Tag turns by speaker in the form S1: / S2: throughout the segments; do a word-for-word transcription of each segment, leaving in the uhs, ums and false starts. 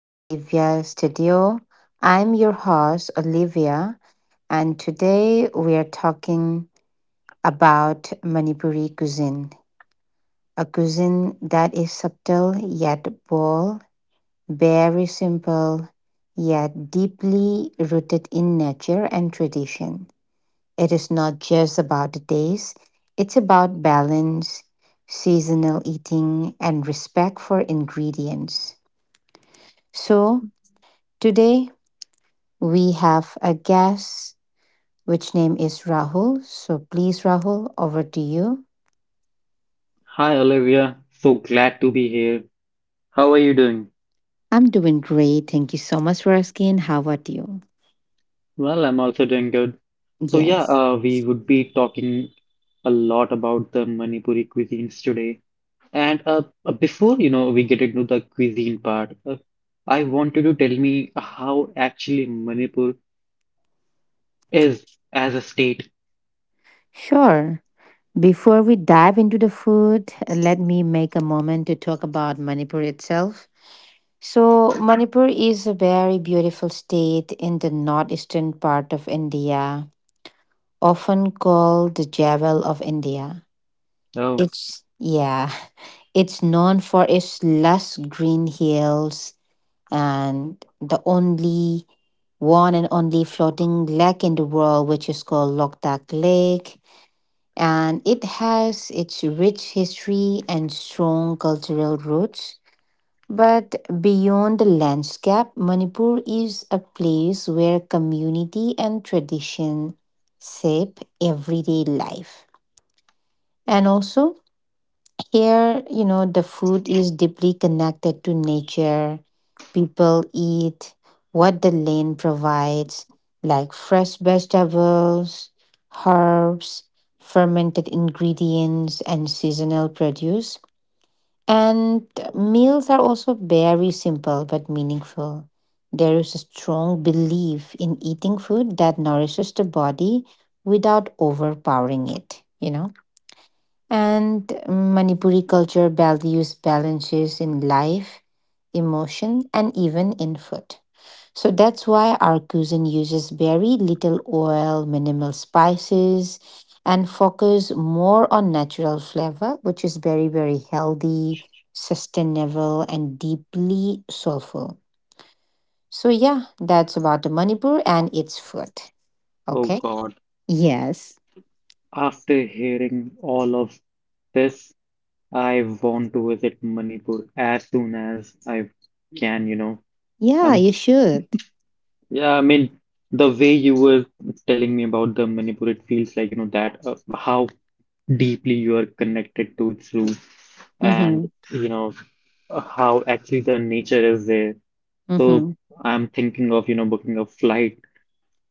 S1: the Olivia Studio. I'm your host, Olivia, and today we are talking about Manipuri cuisine, a cuisine that is subtle yet bold, very simple yet deeply rooted in nature and tradition. It is not just about the taste, it's about balance, seasonal eating, and respect for ingredients. So today we have a guest which name is Rahul. So please Rahul, over to you.
S2: Hi Olivia, so glad to be here. How are you doing?
S1: I'm doing great. Thank you so much for asking. How about you?
S2: Well, I'm also doing good. So yeah,
S1: Yes.
S2: uh, we would be talking a lot about the Manipuri cuisines today. And uh, uh, before you know we get into the cuisine part, uh, I want you to tell me how actually Manipur is as a state.
S1: Sure. Before we dive into the food, let me make a moment to talk about Manipur itself. So, Manipur is a very beautiful state in the northeastern part of India, often called the Jewel of India.
S2: Oh,
S1: It's, yeah. It's known for its lush green hills and the only one and only floating lake in the world, which is called Lok Dak Lake. And it has its rich history and strong cultural roots. But beyond the landscape, Manipur is a place where community and tradition shape everyday life. And also, here, you know, the food is deeply connected to nature. People eat what the land provides, like fresh vegetables, herbs, fermented ingredients, and seasonal produce. And meals are also very simple but meaningful. There is a strong belief in eating food that nourishes the body without overpowering it, you know? And Manipuri culture values balances in life, emotion, and even in food. So that's why our cuisine uses very little oil, minimal spices, and focus more on natural flavor, which is very, very healthy, sustainable, and deeply soulful. So yeah, that's about the Manipur and its food.
S2: oh
S1: Okay.
S2: God.
S1: Yes.
S2: After hearing all of this, I want to visit Manipur as soon as I can, you know.
S1: Yeah,
S2: I'm.
S1: you should.
S2: Yeah, I mean, the way you were telling me about the Manipur, it feels like, you know, that uh, how deeply you are connected to its roots and,
S1: Mm-hmm.
S2: you know, uh, how actually the nature is there. So
S1: Mm-hmm.
S2: I'm thinking of, you know, booking a flight.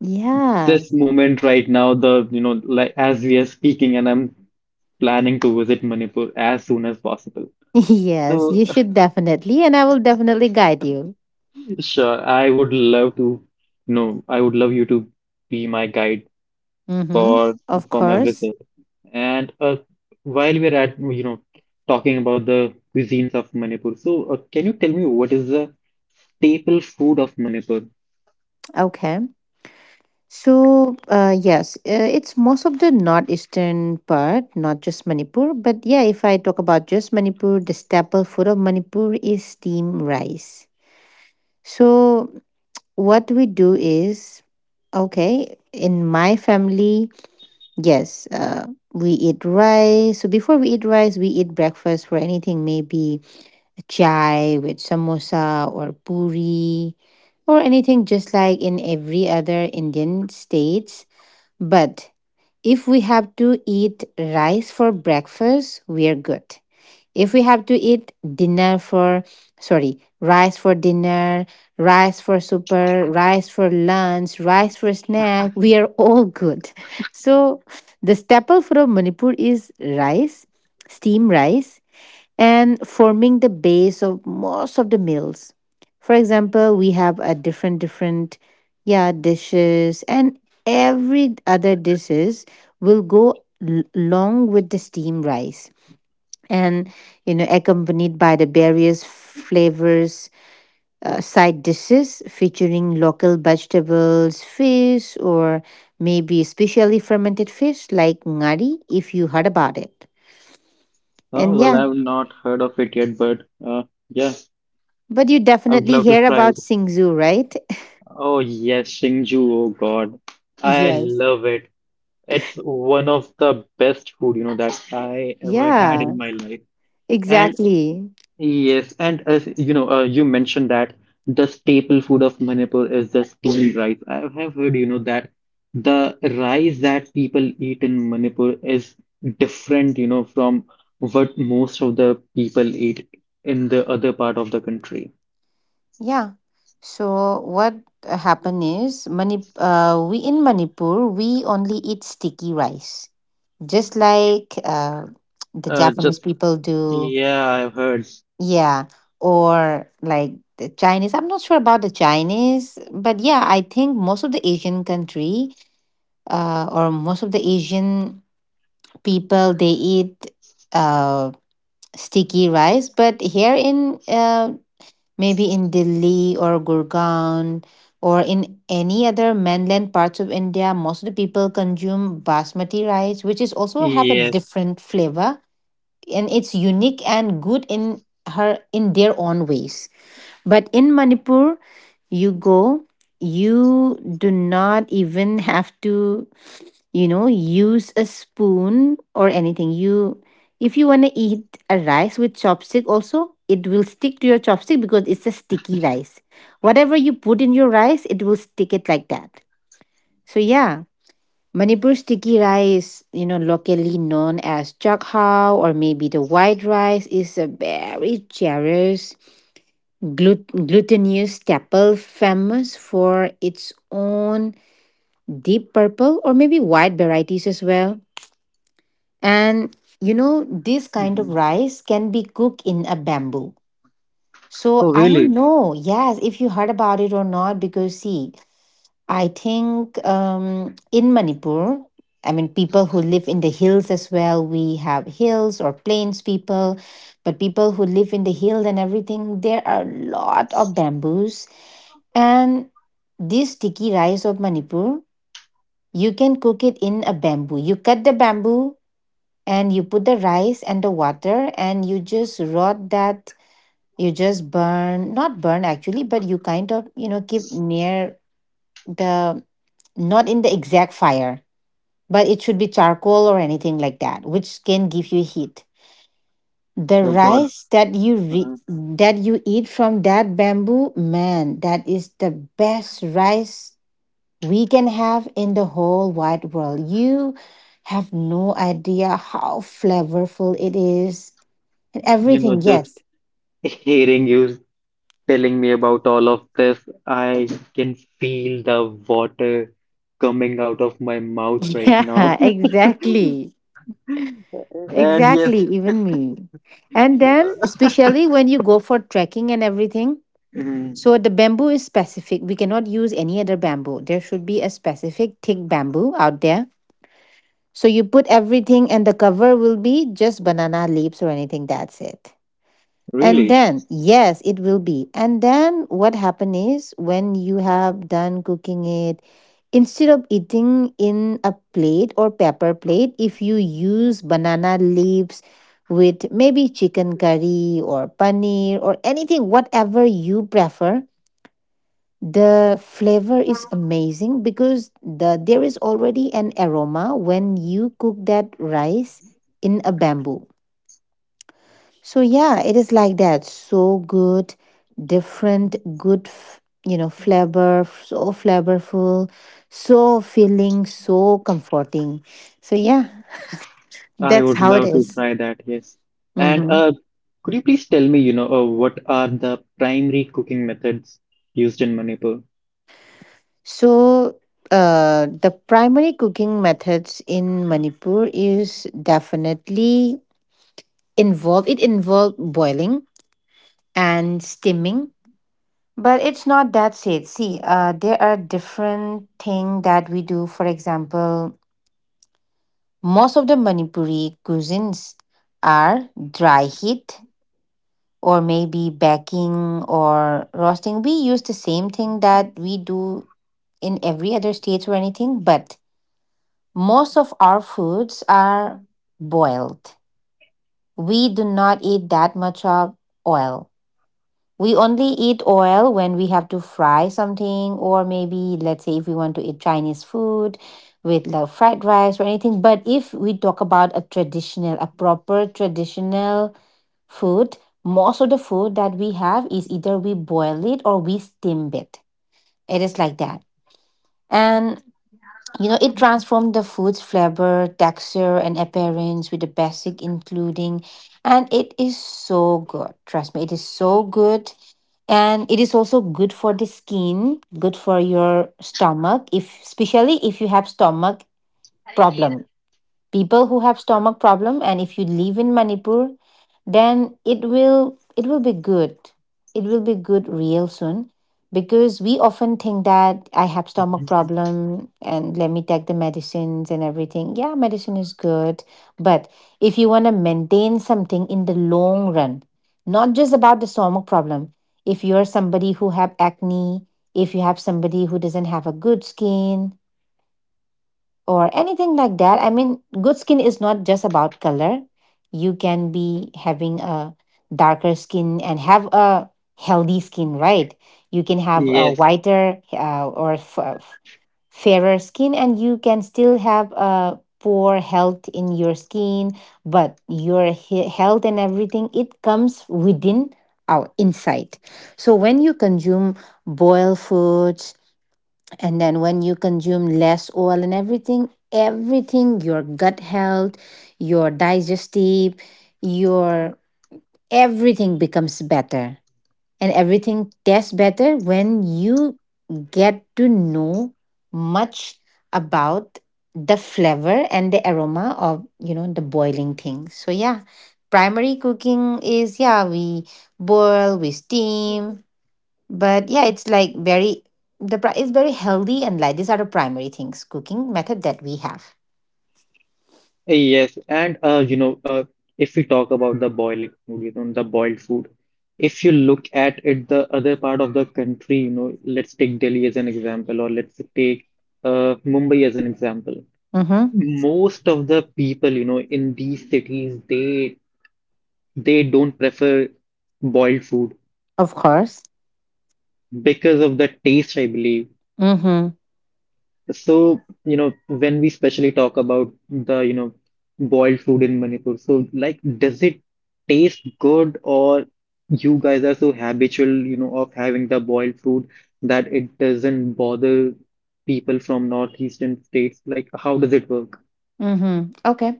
S1: Yeah.
S2: This moment right now, the, you know, like as we are speaking, and I'm planning to visit Manipur as soon as possible.
S1: Yes,
S2: So,
S1: you should definitely, and I will definitely guide you.
S2: sure, I would love to, you know, I would love you to be my guide
S1: Mm-hmm.
S2: for
S1: Of
S2: for my
S1: course.
S2: visit. And uh, while we're at you know talking about the cuisines of Manipur, so uh, can you tell me what is the staple food of Manipur?
S1: Okay. So, uh, yes, uh, it's most of the northeastern part, not just Manipur. But yeah, if I talk about just Manipur, the staple food of Manipur is steamed rice. So, what we do is, okay, in my family, yes, uh, we eat rice. So, before we eat rice, we eat breakfast for anything, maybe chai with samosa or puri or anything just like in every other Indian states. But if we have to eat rice for breakfast, we are good. If we have to eat dinner for, sorry, rice for dinner, rice for supper, rice for lunch, rice for snack, we are all good. So the staple for Manipur is rice, steam rice and forming the base of most of the meals. For example, we have a different different yeah dishes and every other dishes will go l- along with the steamed rice and you know accompanied by the various flavors uh, side dishes featuring local vegetables fish or maybe specially fermented fish like ngari if you heard about it
S2: Uh,
S1: and
S2: well,
S1: yeah.
S2: I've not heard of it yet, but uh, yeah,
S1: But you
S2: I would
S1: definitely
S2: love to
S1: hear
S2: try it.
S1: about Singzhu, right?
S2: Oh yes, Shingju. Oh God, I
S1: Yes.
S2: love it. It's one of the best food, you know, that I ever had in
S1: Yeah,
S2: my life. And
S1: exactly.
S2: yes, and as you know, uh, you mentioned that the staple food of Manipur is the steamed rice. I have heard, you know, that the rice that people eat in Manipur is different, you know, from what most of the people eat in the other part of the country.
S1: Yeah. So what uh, happened is Manip- uh, we in Manipur we only eat sticky rice, just like uh, the
S2: Uh,
S1: Japanese
S2: just
S1: people do.
S2: yeah, I've heard.
S1: Yeah, or like the Chinese. I'm not sure about the Chinese, but yeah, I think most of the Asian country uh, or most of the Asian people they eat uh sticky rice. But here in uh, maybe in Delhi or Gurgaon or in any other mainland parts of India, most of the people consume basmati rice, which is also have a
S2: Yes.
S1: different flavor and it's unique and good in her in their own ways. But in Manipur, you go you do not even have to you know use a spoon or anything. You if you want to eat a rice with chopstick also it will stick to your chopstick because it's a sticky rice. Whatever you put in your rice it will stick it like that. So yeah, Manipur sticky rice, you know, locally known as chakha, or maybe the white rice is a very generous Glut- glutinous Teppel, famous for its own deep purple or maybe white varieties as well. And you know, this kind of
S2: Mhm.
S1: rice can be cooked in a bamboo. So
S2: Oh,
S1: I don't
S2: really?
S1: know, yes, if you heard about it or not, because see, I think um, in Manipur, I mean, people who live in the hills as well, we have hills or plains people, but people who live in the hill and everything, there are a lot of bamboos. And this sticky rice of Manipur, you can cook it in a bamboo. You cut the bamboo and you put the rice and the water and you just rot that. You just burn, not burn actually, but you kind of, you know, keep near the not in the exact fire, but it should be charcoal or anything like that, which can give you heat. The
S2: Oh God.
S1: rice that you re-
S2: Uh-huh.
S1: That you eat from that bamboo, man, that is the best rice we can have in the whole wide world. You have no idea how flavorful it is and
S2: You know,
S1: everything.
S2: just
S1: Yes.
S2: hearing you telling me about all of this, I can feel the water coming out of my mouth right now.
S1: Yeah, exactly.
S2: And yes,
S1: Exactly, even me. And then especially when you go for trekking and everything,
S2: mm,
S1: so the bamboo is specific. We cannot use any other bamboo. There should be a specific thick bamboo out there. So you put everything and the cover will be just banana leaves or anything. That's it. And
S2: really,
S1: then, yes, it will be. And then what happen is when you have done cooking it, instead of eating in a plate or paper plate, if you use banana leaves with maybe chicken curry or paneer or anything, whatever you prefer, the flavor is amazing because the there is already an aroma when you cook that rice in a bamboo. So yeah, it is like that. So good, different, good, f- you know, flavor, so flavorful, so filling, so comforting. So yeah,
S2: I
S1: that's
S2: would
S1: how it
S2: love to
S1: is.
S2: try that, yes. And
S1: Mhm.
S2: uh, could you please tell me, you know, uh, what are the primary cooking methods used in Manipur?
S1: So uh, the primary cooking methods in Manipur is definitely Involved it involved boiling and steaming, but it's not that safe. See, uh, there are different thing that we do. For example, most of the Manipuri cuisines are dry heat or maybe baking or roasting. We use the same thing that we do in every other state or anything, but most of our foods are boiled. We do not eat that much of oil. We only eat oil when we have to fry something, or maybe let's say if we want to eat Chinese food with like fried rice or anything. But if we talk about a traditional, a proper traditional food, most of the food that we have is either we boil it or we steam it. It is like that. And you know, it transformed the food's flavor, texture, and appearance with the basic including, and it is so good. Trust me, it is so good and it is also good for the skin, good for your stomach if especially if you have stomach problem. People who have stomach problem and if you live in Manipur, then it will it will be good, it will be good real soon. Because we often think that I have
S2: Mhm.
S1: stomach problem and let me take the medicines and everything. Yeah, medicine is good, but if you want to maintain something in the long run, not just about the stomach problem, if you're somebody who have acne, if you have somebody who doesn't have a good skin or anything like that. I mean, good skin is not just about color. You can be having a darker skin and have a healthy skin, right? You can have a Mhm.
S2: Yes,
S1: whiter uh, or f- uh, f- fairer skin, and you can still have a poor health in your skin. But your he- health and everything it comes within our insight. So when you consume boiled foods and then when you consume less oil and everything, everything, your gut health, your digestive, your everything becomes better. And everything tastes better when you get to know much about the flavor and the aroma of, you know, the boiling things. So yeah, primary cooking is yeah, we boil, we steam, but yeah, it's like very the pri- it's very healthy and like these are the primary things cooking method that we have.
S2: yes, and uh, you know, uh, if we talk about the boiling food, you know, the boiled food, if you look at it, the other part of the country, you know, let's take Delhi as an example, or let's take uh, Mumbai as an example.
S1: Mm-hmm.
S2: Most of the people, you know, in these cities, they they don't prefer boiled food
S1: Of course.
S2: because of the taste, I believe.
S1: Mm-hmm.
S2: So, you know, when we specially talk about the, you know, boiled food in Manipur, so like, does it taste good or you guys are so habitual, you know, of having the boiled food that it doesn't bother people from northeastern states? Like, how does it work?
S1: Mm-hmm. Okay.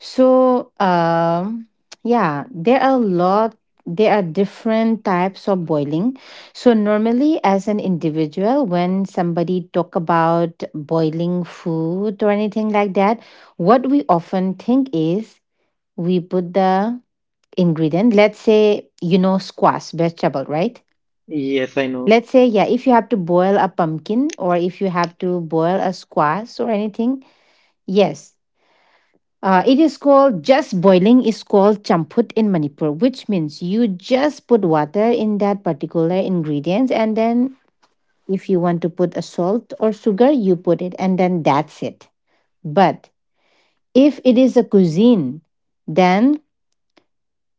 S1: So um yeah, there are a lot there are different types of boiling. So normally as an individual, when somebody talk about boiling food or anything like that, what we often think is we put the ingredient. Let's say you know squash vegetable, right?
S2: Yes, I know.
S1: Let's say yeah, if you have to boil a pumpkin or if you have to boil a squash or anything, yes. Uh, it is called just boiling is called champut in Manipur, which means you just put water in that particular ingredients and then if you want to put a salt or sugar, you put it and then that's it. But if it is a cuisine, then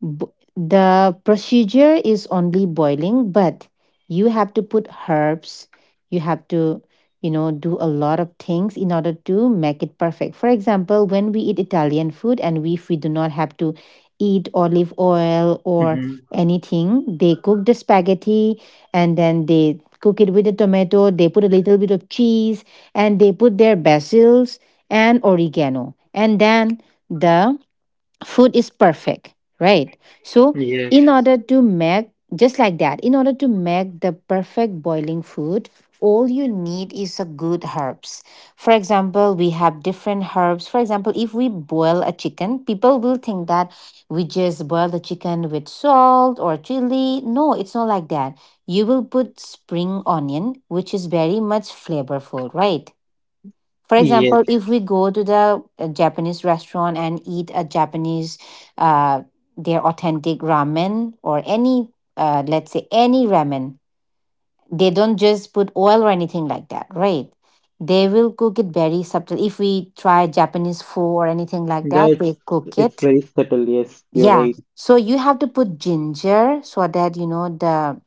S1: Bo- the procedure is only boiling, but you have to put herbs. You have to, you know do a lot of things in order to make it perfect. For example, when we eat Italian food, and we, if we do not have to eat olive oil or
S2: Hmm.
S1: anything, they cook the spaghetti and then they cook it with the tomato, they put a little bit of cheese, and they put their basils and oregano, and then the food is perfect, right? So
S2: Yes.
S1: in order to make, just like that, in order to make the perfect boiling food, all you need is a good herbs. For example, we have different herbs. For example, if we boil a chicken, people will think that we just boil the chicken with salt or chili. No, it's not like that. You will put spring onion, which is very much flavorful, right? For
S2: Yes.
S1: example, if we go to the uh, Japanese restaurant and eat a Japanese, uh, their authentic ramen or any, uh, let's say any ramen, they don't just put oil or anything like that, right? They will cook it very subtle. If we try Japanese pho or anything like
S2: Yeah,
S1: that, they
S2: it's
S1: cook
S2: it's
S1: it.
S2: very subtle. Yes, you're
S1: Yeah.
S2: right.
S1: So you have to put ginger so that you know the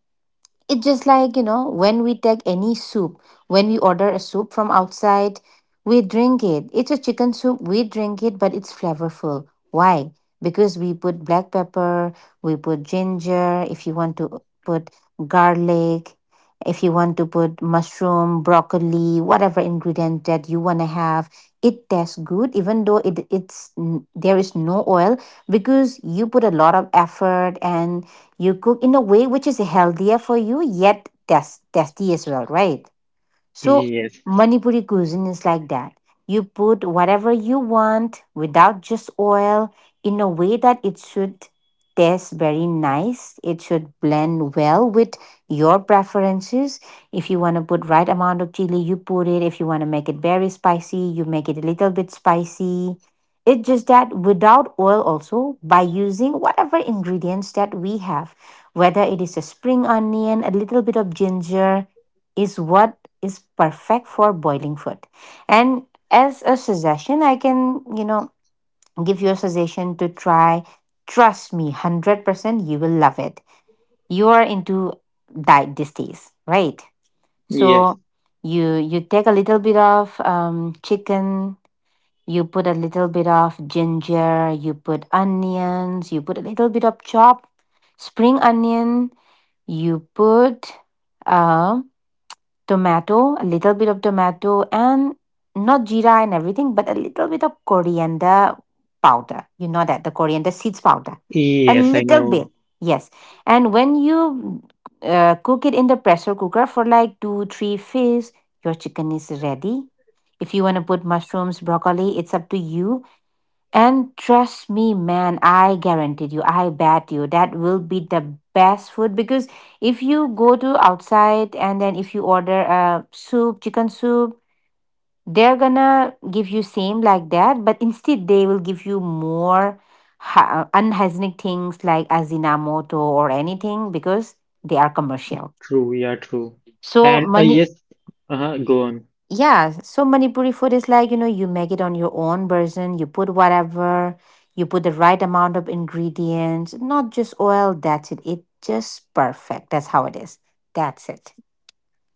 S1: it's just like, you know, when we take any soup, when we order a soup from outside, we drink it. It's a chicken soup, we drink it, but it's flavorful. Why? Because we put black pepper, we put ginger, if you want to put garlic, if you want to put mushroom, broccoli, whatever ingredient that you want to have, it tastes good, even though it it's n- there is no oil, because you put a lot of effort and you cook in a way which is healthier for you, yet tasty as well, right? So
S2: Yes.
S1: Manipuri cuisine is like that. You put whatever you want without just oil, in a way that it should taste very nice. It should blend well with your preferences. If you want to put right amount of chili, you put it. If you want to make it very spicy, you make it a little bit spicy. It's just that without oil also, by using whatever ingredients that we have, whether it is a spring onion, a little bit of ginger, is what is perfect for boiling food. And as a suggestion, I can, you know, give you a suggestion to try. Trust me, hundred percent you will love it. You are into diet these days, right? So
S2: Yes.
S1: you you take a little bit of um, chicken, you put a little bit of ginger, you put onions, you put a little bit of chopped spring onion, you put uh, tomato, a little bit of tomato, and not jeera and everything, but a little bit of coriander powder. You know that the coriander seeds powder, a
S2: Yes, I
S1: little
S2: know.
S1: bit, yes. And when you uh, cook it in the pressure cooker for like two, three fish, your chicken is ready. If you want to put mushrooms, broccoli, it's up to you. And trust me, man, I guaranteed you, I bet you that will be the best food, because if you go to outside and then if you order a soup, chicken soup, they're gonna give you same like that, but instead they will give you more ha- uh, unhygienic things like azinamoto or anything, because they are commercial.
S2: True, yeah, true.
S1: So
S2: And uh,
S1: money.
S2: yes, uh-huh, go on.
S1: Yeah, so Manipuri food is like, you know, you make it on your own version, you put whatever, you put the right amount of ingredients, not just oil, that's it. It just perfect. That's how it is. That's it.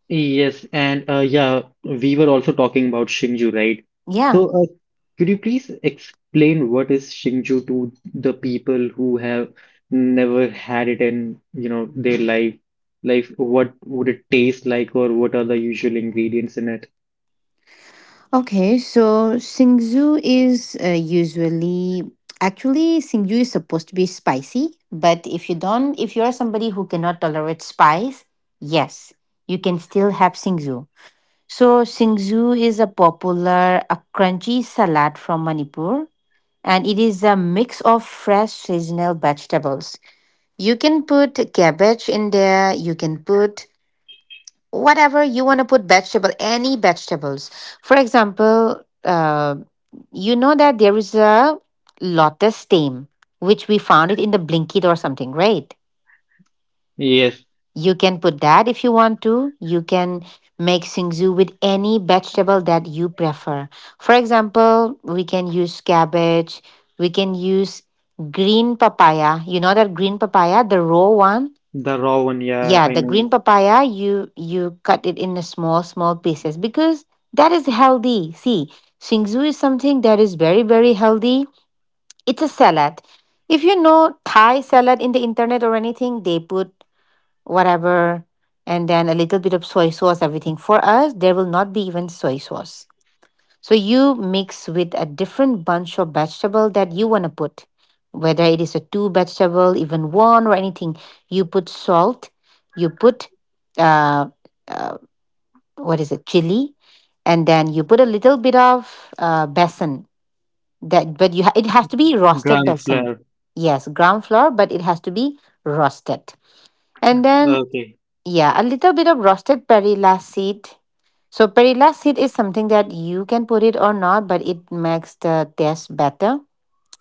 S2: Yes, and uh, yeah, we were also talking about Shinju, right?
S1: Yeah.
S2: So, uh, could you please explain what is Shinju to the people who have never had it in, you know, their life? Like, what would it taste like, or what are the usual ingredients in it?
S1: Okay, so Singju is uh, usually, actually Singju is supposed to be spicy, but if you don't if you're somebody who cannot tolerate spice, yes, you can still have Singju. So, Singzu is a popular, a crunchy salad from Manipur, and it is a mix of fresh seasonal vegetables. You can put cabbage in there, you can put whatever you want to put vegetable, any vegetables. For example, uh, you know that there is a lotus stem, which we found it in the Blinkit or something, right?
S2: Yes,
S1: You can put that if you want to. You can make singzu with any vegetable that you prefer. For example, we can use cabbage, we can use green papaya. You know that green papaya, the raw one?
S2: the raw one, yeah,
S1: Yeah,
S2: I
S1: the green
S2: know.
S1: papaya, you you cut it in a small small pieces, because that is healthy. See, singzu is something that is very very healthy. It's a salad. If you know Thai salad in the internet or anything, they put whatever, and then a little bit of soy sauce, everything. For us, there will not be even soy sauce. So you mix with a different bunch of vegetable that you want to put, whether it is a two vegetable, even one or anything. You put salt, you put uh, uh, what is it, chili, and then you put a little bit of uh, besan. That, but you ha- it has to be roasted
S2: Gram
S1: besan.
S2: flour.
S1: Yes, ground flour, but it has to be roasted. And then
S2: Okay.
S1: yeah, a little bit of roasted perilla seed. So perilla seed is something that you can put it or not, but it makes the taste better.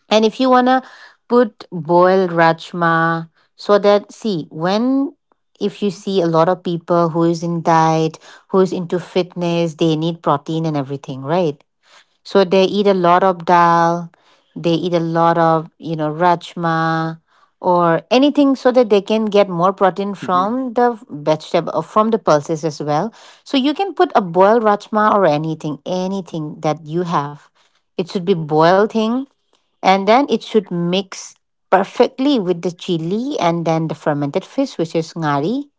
S1: And if you wanna put boiled rajma, so that, see, when if you see a lot of people who is in diet, who is into fitness, they need protein and everything, right? So they eat a lot of dal, they eat a lot of, you know, rajma or anything, so that they can get more protein
S2: Hmm.
S1: from the vegetable or from the pulses as well. So you can put a boiled rajma or anything, anything that you have. It should be boiled thing, and then it should mix perfectly with the chili and then the fermented fish, which is ngari,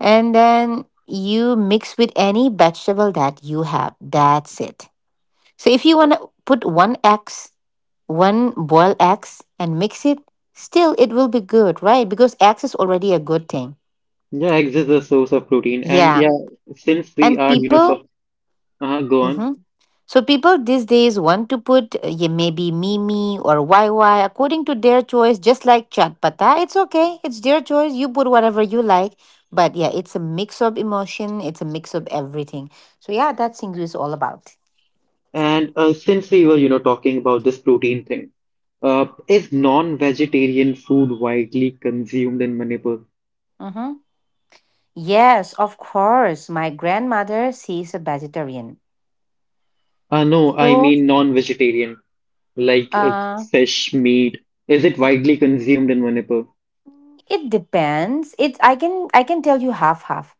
S1: and then you mix with any vegetable that you have. That's it. So if you want to put one eggs, one boiled eggs, and mix it, still it will be good, right? Because eggs is already a good thing.
S2: Yeah, eggs is a source of protein, and
S1: Yeah.
S2: yeah, since we
S1: And
S2: are, you know, to
S1: people,
S2: Uh, go on.
S1: hmm so people these days want to put uh, yeah, maybe Mimi or Y Y according to their choice, just like Chatpata. It's okay. It's their choice. You put whatever you like. But yeah, it's a mix of emotion. It's a mix of everything. So yeah, that's English is all about.
S2: And uh, since we were, you know, talking about this protein thing, uh, is non-vegetarian food widely consumed in Manipur?
S1: Mm-hmm. Yes, of course. My grandmother, she's a vegetarian.
S2: Uh, no, I
S1: So,
S2: mean non-vegetarian, like uh,
S1: uh,
S2: fish, meat. Is it widely consumed in Manipur?
S1: it depends. It I can, I can tell you half half.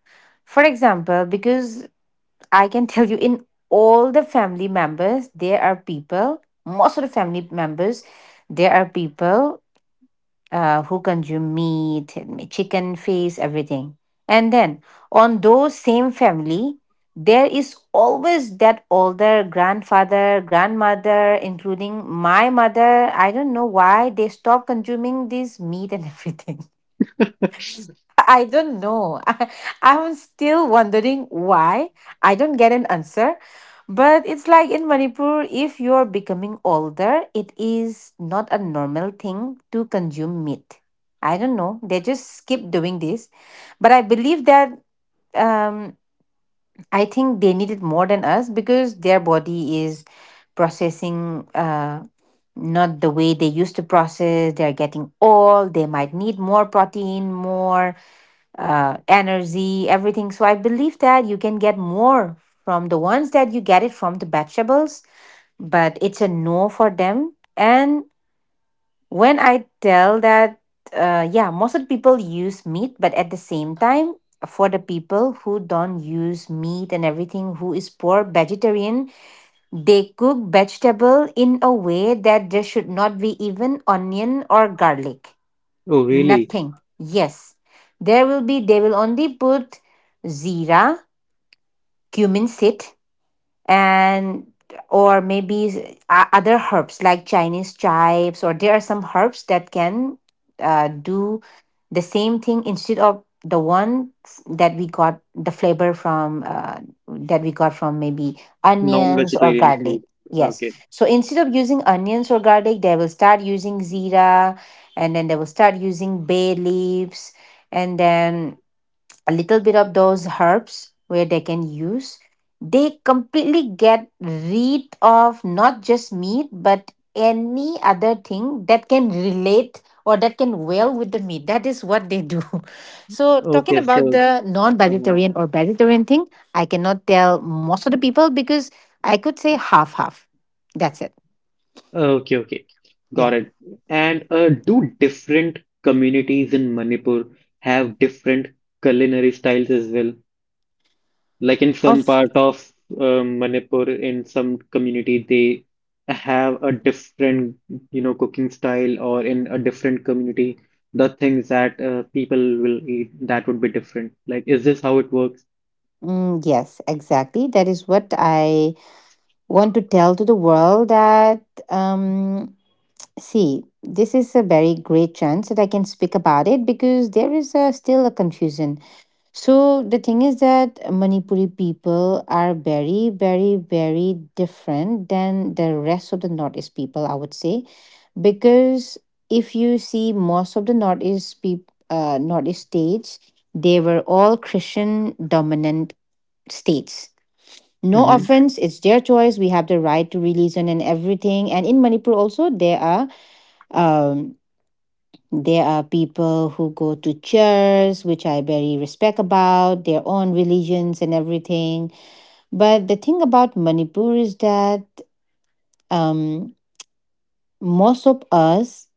S1: For example, because I can tell you in all the family members, there are people, most of the family members, there are people uh, who consume meat, chicken, fish, everything. And then on those same family, there is always that older grandfather, grandmother, including my mother. I don't know why they stop consuming this meat and everything. I don't know. I, I'm still wondering why. I don't get an answer. But it's like in Manipur, if you're becoming older, it is not a normal thing to consume meat. I don't know. They just keep doing this. But I believe that um, I think they need it more than us, because their body is processing, uh, not the way they used to process. They're getting old. They might need more protein, more uh, energy, everything. So I believe that you can get more from the ones that you get it from the vegetables, but it's a no for them. And when I tell that, uh, yeah, most of the people use meat, but at the same time, for the people who don't use meat and everything, who is poor vegetarian, they cook vegetable in a way that there should not be even onion or garlic.
S2: Oh, really?
S1: Nothing. Yes. There will be, they will only put zira, cumin seed, and or maybe s- o- other herbs like Chinese chives, or there are some herbs that can uh, do the same thing, instead of the one f- that we got the flavor from, uh, that we got from maybe onions or
S2: Non-vegetarian food.
S1: garlic. Yes.
S2: Okay.
S1: So instead of using onions or garlic, they will start using zira, and then they will start using bay leaves, and then a little bit of those herbs where they can use. They completely get rid of not just meat but any other thing that can relate or that can well with the meat. That is what they do. So talking
S2: Okay,
S1: about
S2: so,
S1: the
S2: uh,
S1: non-vegetarian or vegetarian thing, I cannot tell most of the people, because I could say half half, that's it.
S2: okay, okay.
S1: Yeah.
S2: Got it. And uh, do different communities in Manipur have different culinary styles as well? Like in
S1: Of
S2: some part of um, Manipur, in some community, they have a different, you know, cooking style, or in a different community, the things that uh, people will eat that would be different. Like, is this how it works?
S1: Mm, yes, exactly. That is what I want to tell to the world, that um, see, this is a very great chance that I can speak about it, because there is a, still a confusion. So, the thing is that Manipuri people are very, very, very different than the rest of the Northeast people, I would say. Because if you see most of the Northeast, peop uh, Northeast states, they were all Christian dominant states. No
S2: Mm-hmm.
S1: offense, it's their choice. We have the right to religion and everything. And in Manipur, also, there are. Um, there are people who go to church, which I very respect about, their own religions and everything. But the thing about Manipur is that um, most of us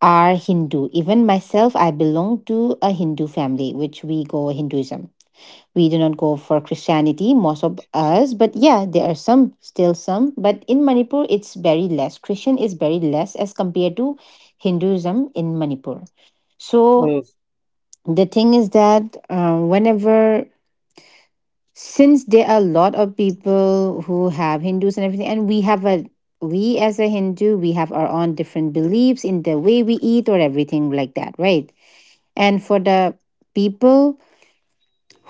S1: are Hindu. Even myself, I belong to a Hindu family, which we go Hinduism. We do not go for Christianity, most of us, but yeah, there are some, still some. But in Manipur, it's very less. Christian is very less as compared to Hinduism in Manipur. So
S2: Oh,
S1: the thing is that uh, whenever, since there are a lot of people who have hindus and everything, and we have a, we as a hindu we have our own different beliefs in the way we eat or everything like that, right? And for the people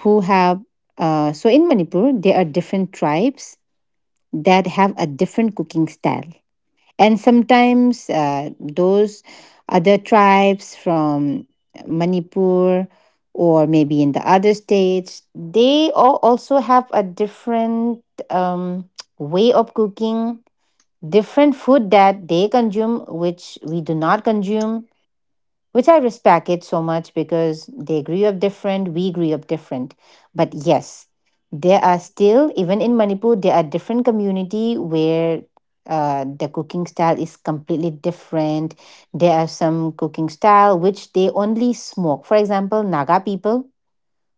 S1: who have uh, so in Manipur there are different tribes that have a different cooking style. And sometimes uh, those other tribes from Manipur or maybe in the other states, they all also have a different um, way of cooking, different food that they consume which we do not consume, which I respect it so much because they grew up different, we grew up different. But yes, there are still, even in Manipur, there are different community where uh, the cooking style is completely different. There are some cooking style which they only smoke. For example, Naga people,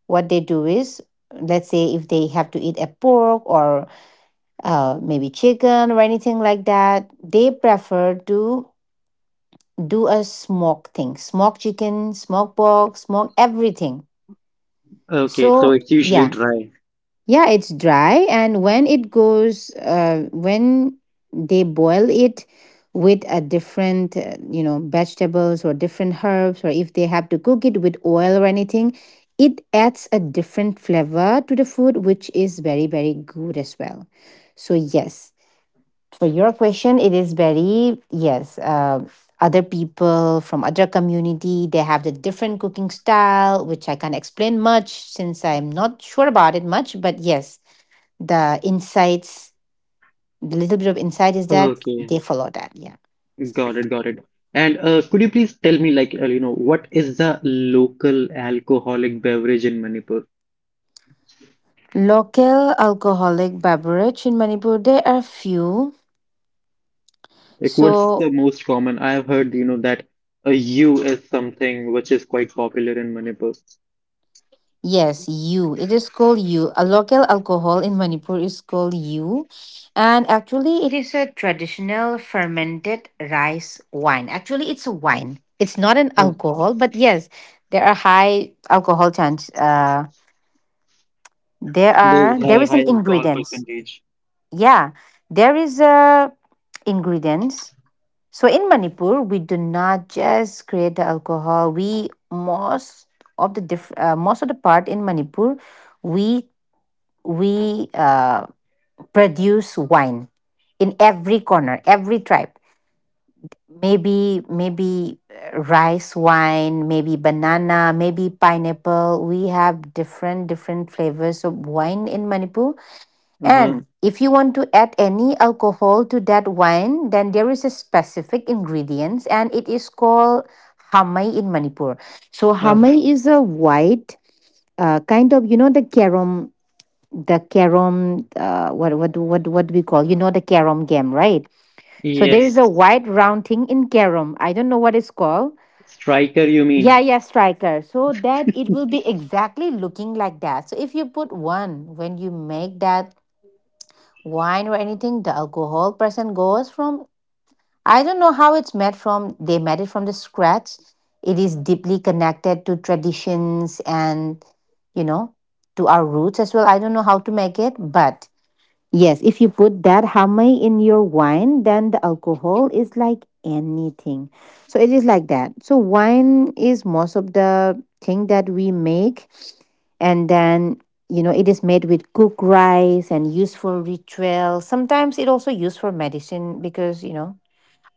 S1: what they do is, let's say if they have to eat a pork or uh, maybe chicken or anything like that, they prefer to do a smoke thing, smoke chicken, smoke pork, smoke everything.
S2: okay. So
S1: So
S2: it's usually
S1: yeah,
S2: dry.
S1: yeah, it's dry. And when it goes uh, when they boil it with a different uh, you know, vegetables or different herbs, or if they have to cook it with oil or anything, it adds a different flavor to the food, which is very very good as well. So yes, for your question, it is very, yes. Uh, other people from other community, they have the different cooking style which I can't explain much since I'm not sure about it much, but yes, the insights, the little bit of insight is that they
S2: Okay,
S1: follow that, yeah.
S2: got it, got it. And uh, could you please tell me, like, uh, you know, what is the local alcoholic beverage in Manipur?
S1: Local alcoholic beverage in Manipur, there are few.
S2: Like, what's
S1: So
S2: the most common? I have heard, you know, that a U is something which is quite popular in Manipur.
S1: yes, you. It is called you. A local alcohol in Manipur is called you. And actually, it is a traditional fermented rice wine. Actually, it's a wine. It's not an
S2: Oh,
S1: alcohol, but yes, there are high alcohol chance. Uh, there
S2: there's
S1: are
S2: oh,
S1: there
S2: high,
S1: is
S2: high
S1: an
S2: alcohol
S1: ingredients.
S2: percentage.
S1: Yeah, there is a ingredients. So in Manipur, we do not just create the alcohol. We most of the diff- uh, most of the part in Manipur, we we uh, produce wine in every corner, every tribe. Maybe maybe uh, rice wine, maybe banana, maybe pineapple. We have different different flavors of wine in Manipur.
S2: Uh-huh.
S1: And if you want to add any alcohol to that wine, then there is a specific ingredients, and it is called hamai in Manipur. So
S2: Oh.
S1: hamai is a white uh, kind of, you know, the carom, the carom uh, what what what what do we call, you know, the carom game, right? So there is
S2: Yes.
S1: a white round thing in carom, I don't know what it's called.
S2: Striker, you
S1: Yeah,
S2: mean?
S1: yeah, striker, so that it will be exactly looking like that. So if you put one when you make that wine or anything, the alcohol percent goes from, I don't know how it's made from, they made it from the scratch. It is deeply connected to traditions and, you know, to our roots as well. I don't know how to make it, but yes, if you put that hamay in your wine, then the alcohol is like anything. So it is like that. So wine is most of the thing that we make, and then, you know, it is made with cooked rice and used for ritual. Sometimes it also used for medicine because, you know,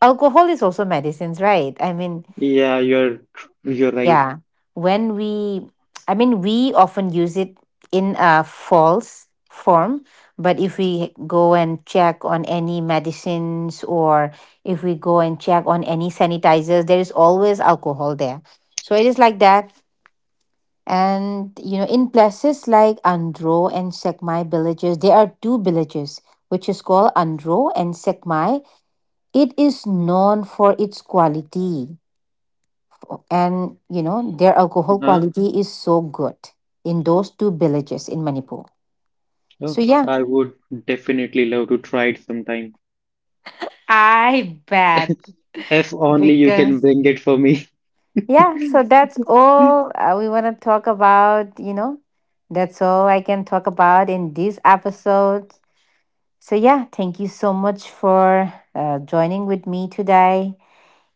S1: alcohol is also medicines, right? I mean,
S2: Yeah, you're you're right.
S1: yeah. When we, I mean, we often use it in a false form, but if we go and check on any medicines or if we go and check on any sanitizers, there is always alcohol there. So it is like that. And, you know, in places like Andro and Sekmai villages, there are two villages, which is called Andro and Sekmai. It is known for its quality, and you know, their alcohol
S2: Uh-huh.
S1: quality is so good in those two villages in Manipur.
S2: Oh.
S1: So yeah,
S2: I would definitely love to try it sometime.
S1: I bet,
S2: If only you can
S1: because
S2: bring it for me.
S1: yeah. So that's all uh, we want to talk about. You know, that's all I can talk about in this episode. So yeah, thank you so much for uh, joining with me today.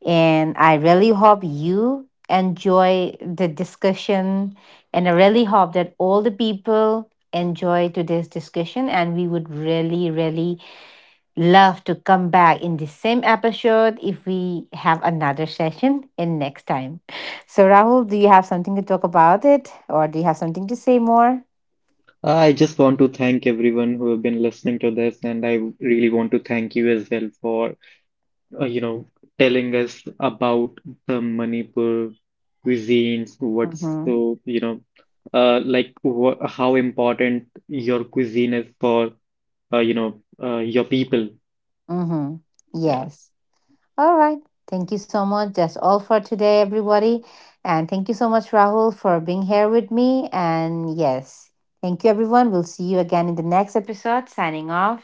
S1: And I really hope you enjoy the discussion. And I really hope that all the people enjoy today's discussion. And we would really, really love to come back in the same episode if we have another session in next time. So, Rahul, do you have something to talk about it? Or do you have something to say more?
S2: I just want to thank everyone who have been listening to this, and I really want to thank you as well for uh, you know, telling us about the Manipur cuisines, what's
S1: Mm-hmm.
S2: so, you know, uh, like wha how important your cuisine is for, uh, you know, uh, your people.
S1: Mm-hmm.
S2: Yeah.
S1: Yes. All right. Thank you so much. That's all for today, everybody. And thank you so much, Rahul, for being here with me. And yes, thank you, everyone. We'll see you again in the next episode. Signing off.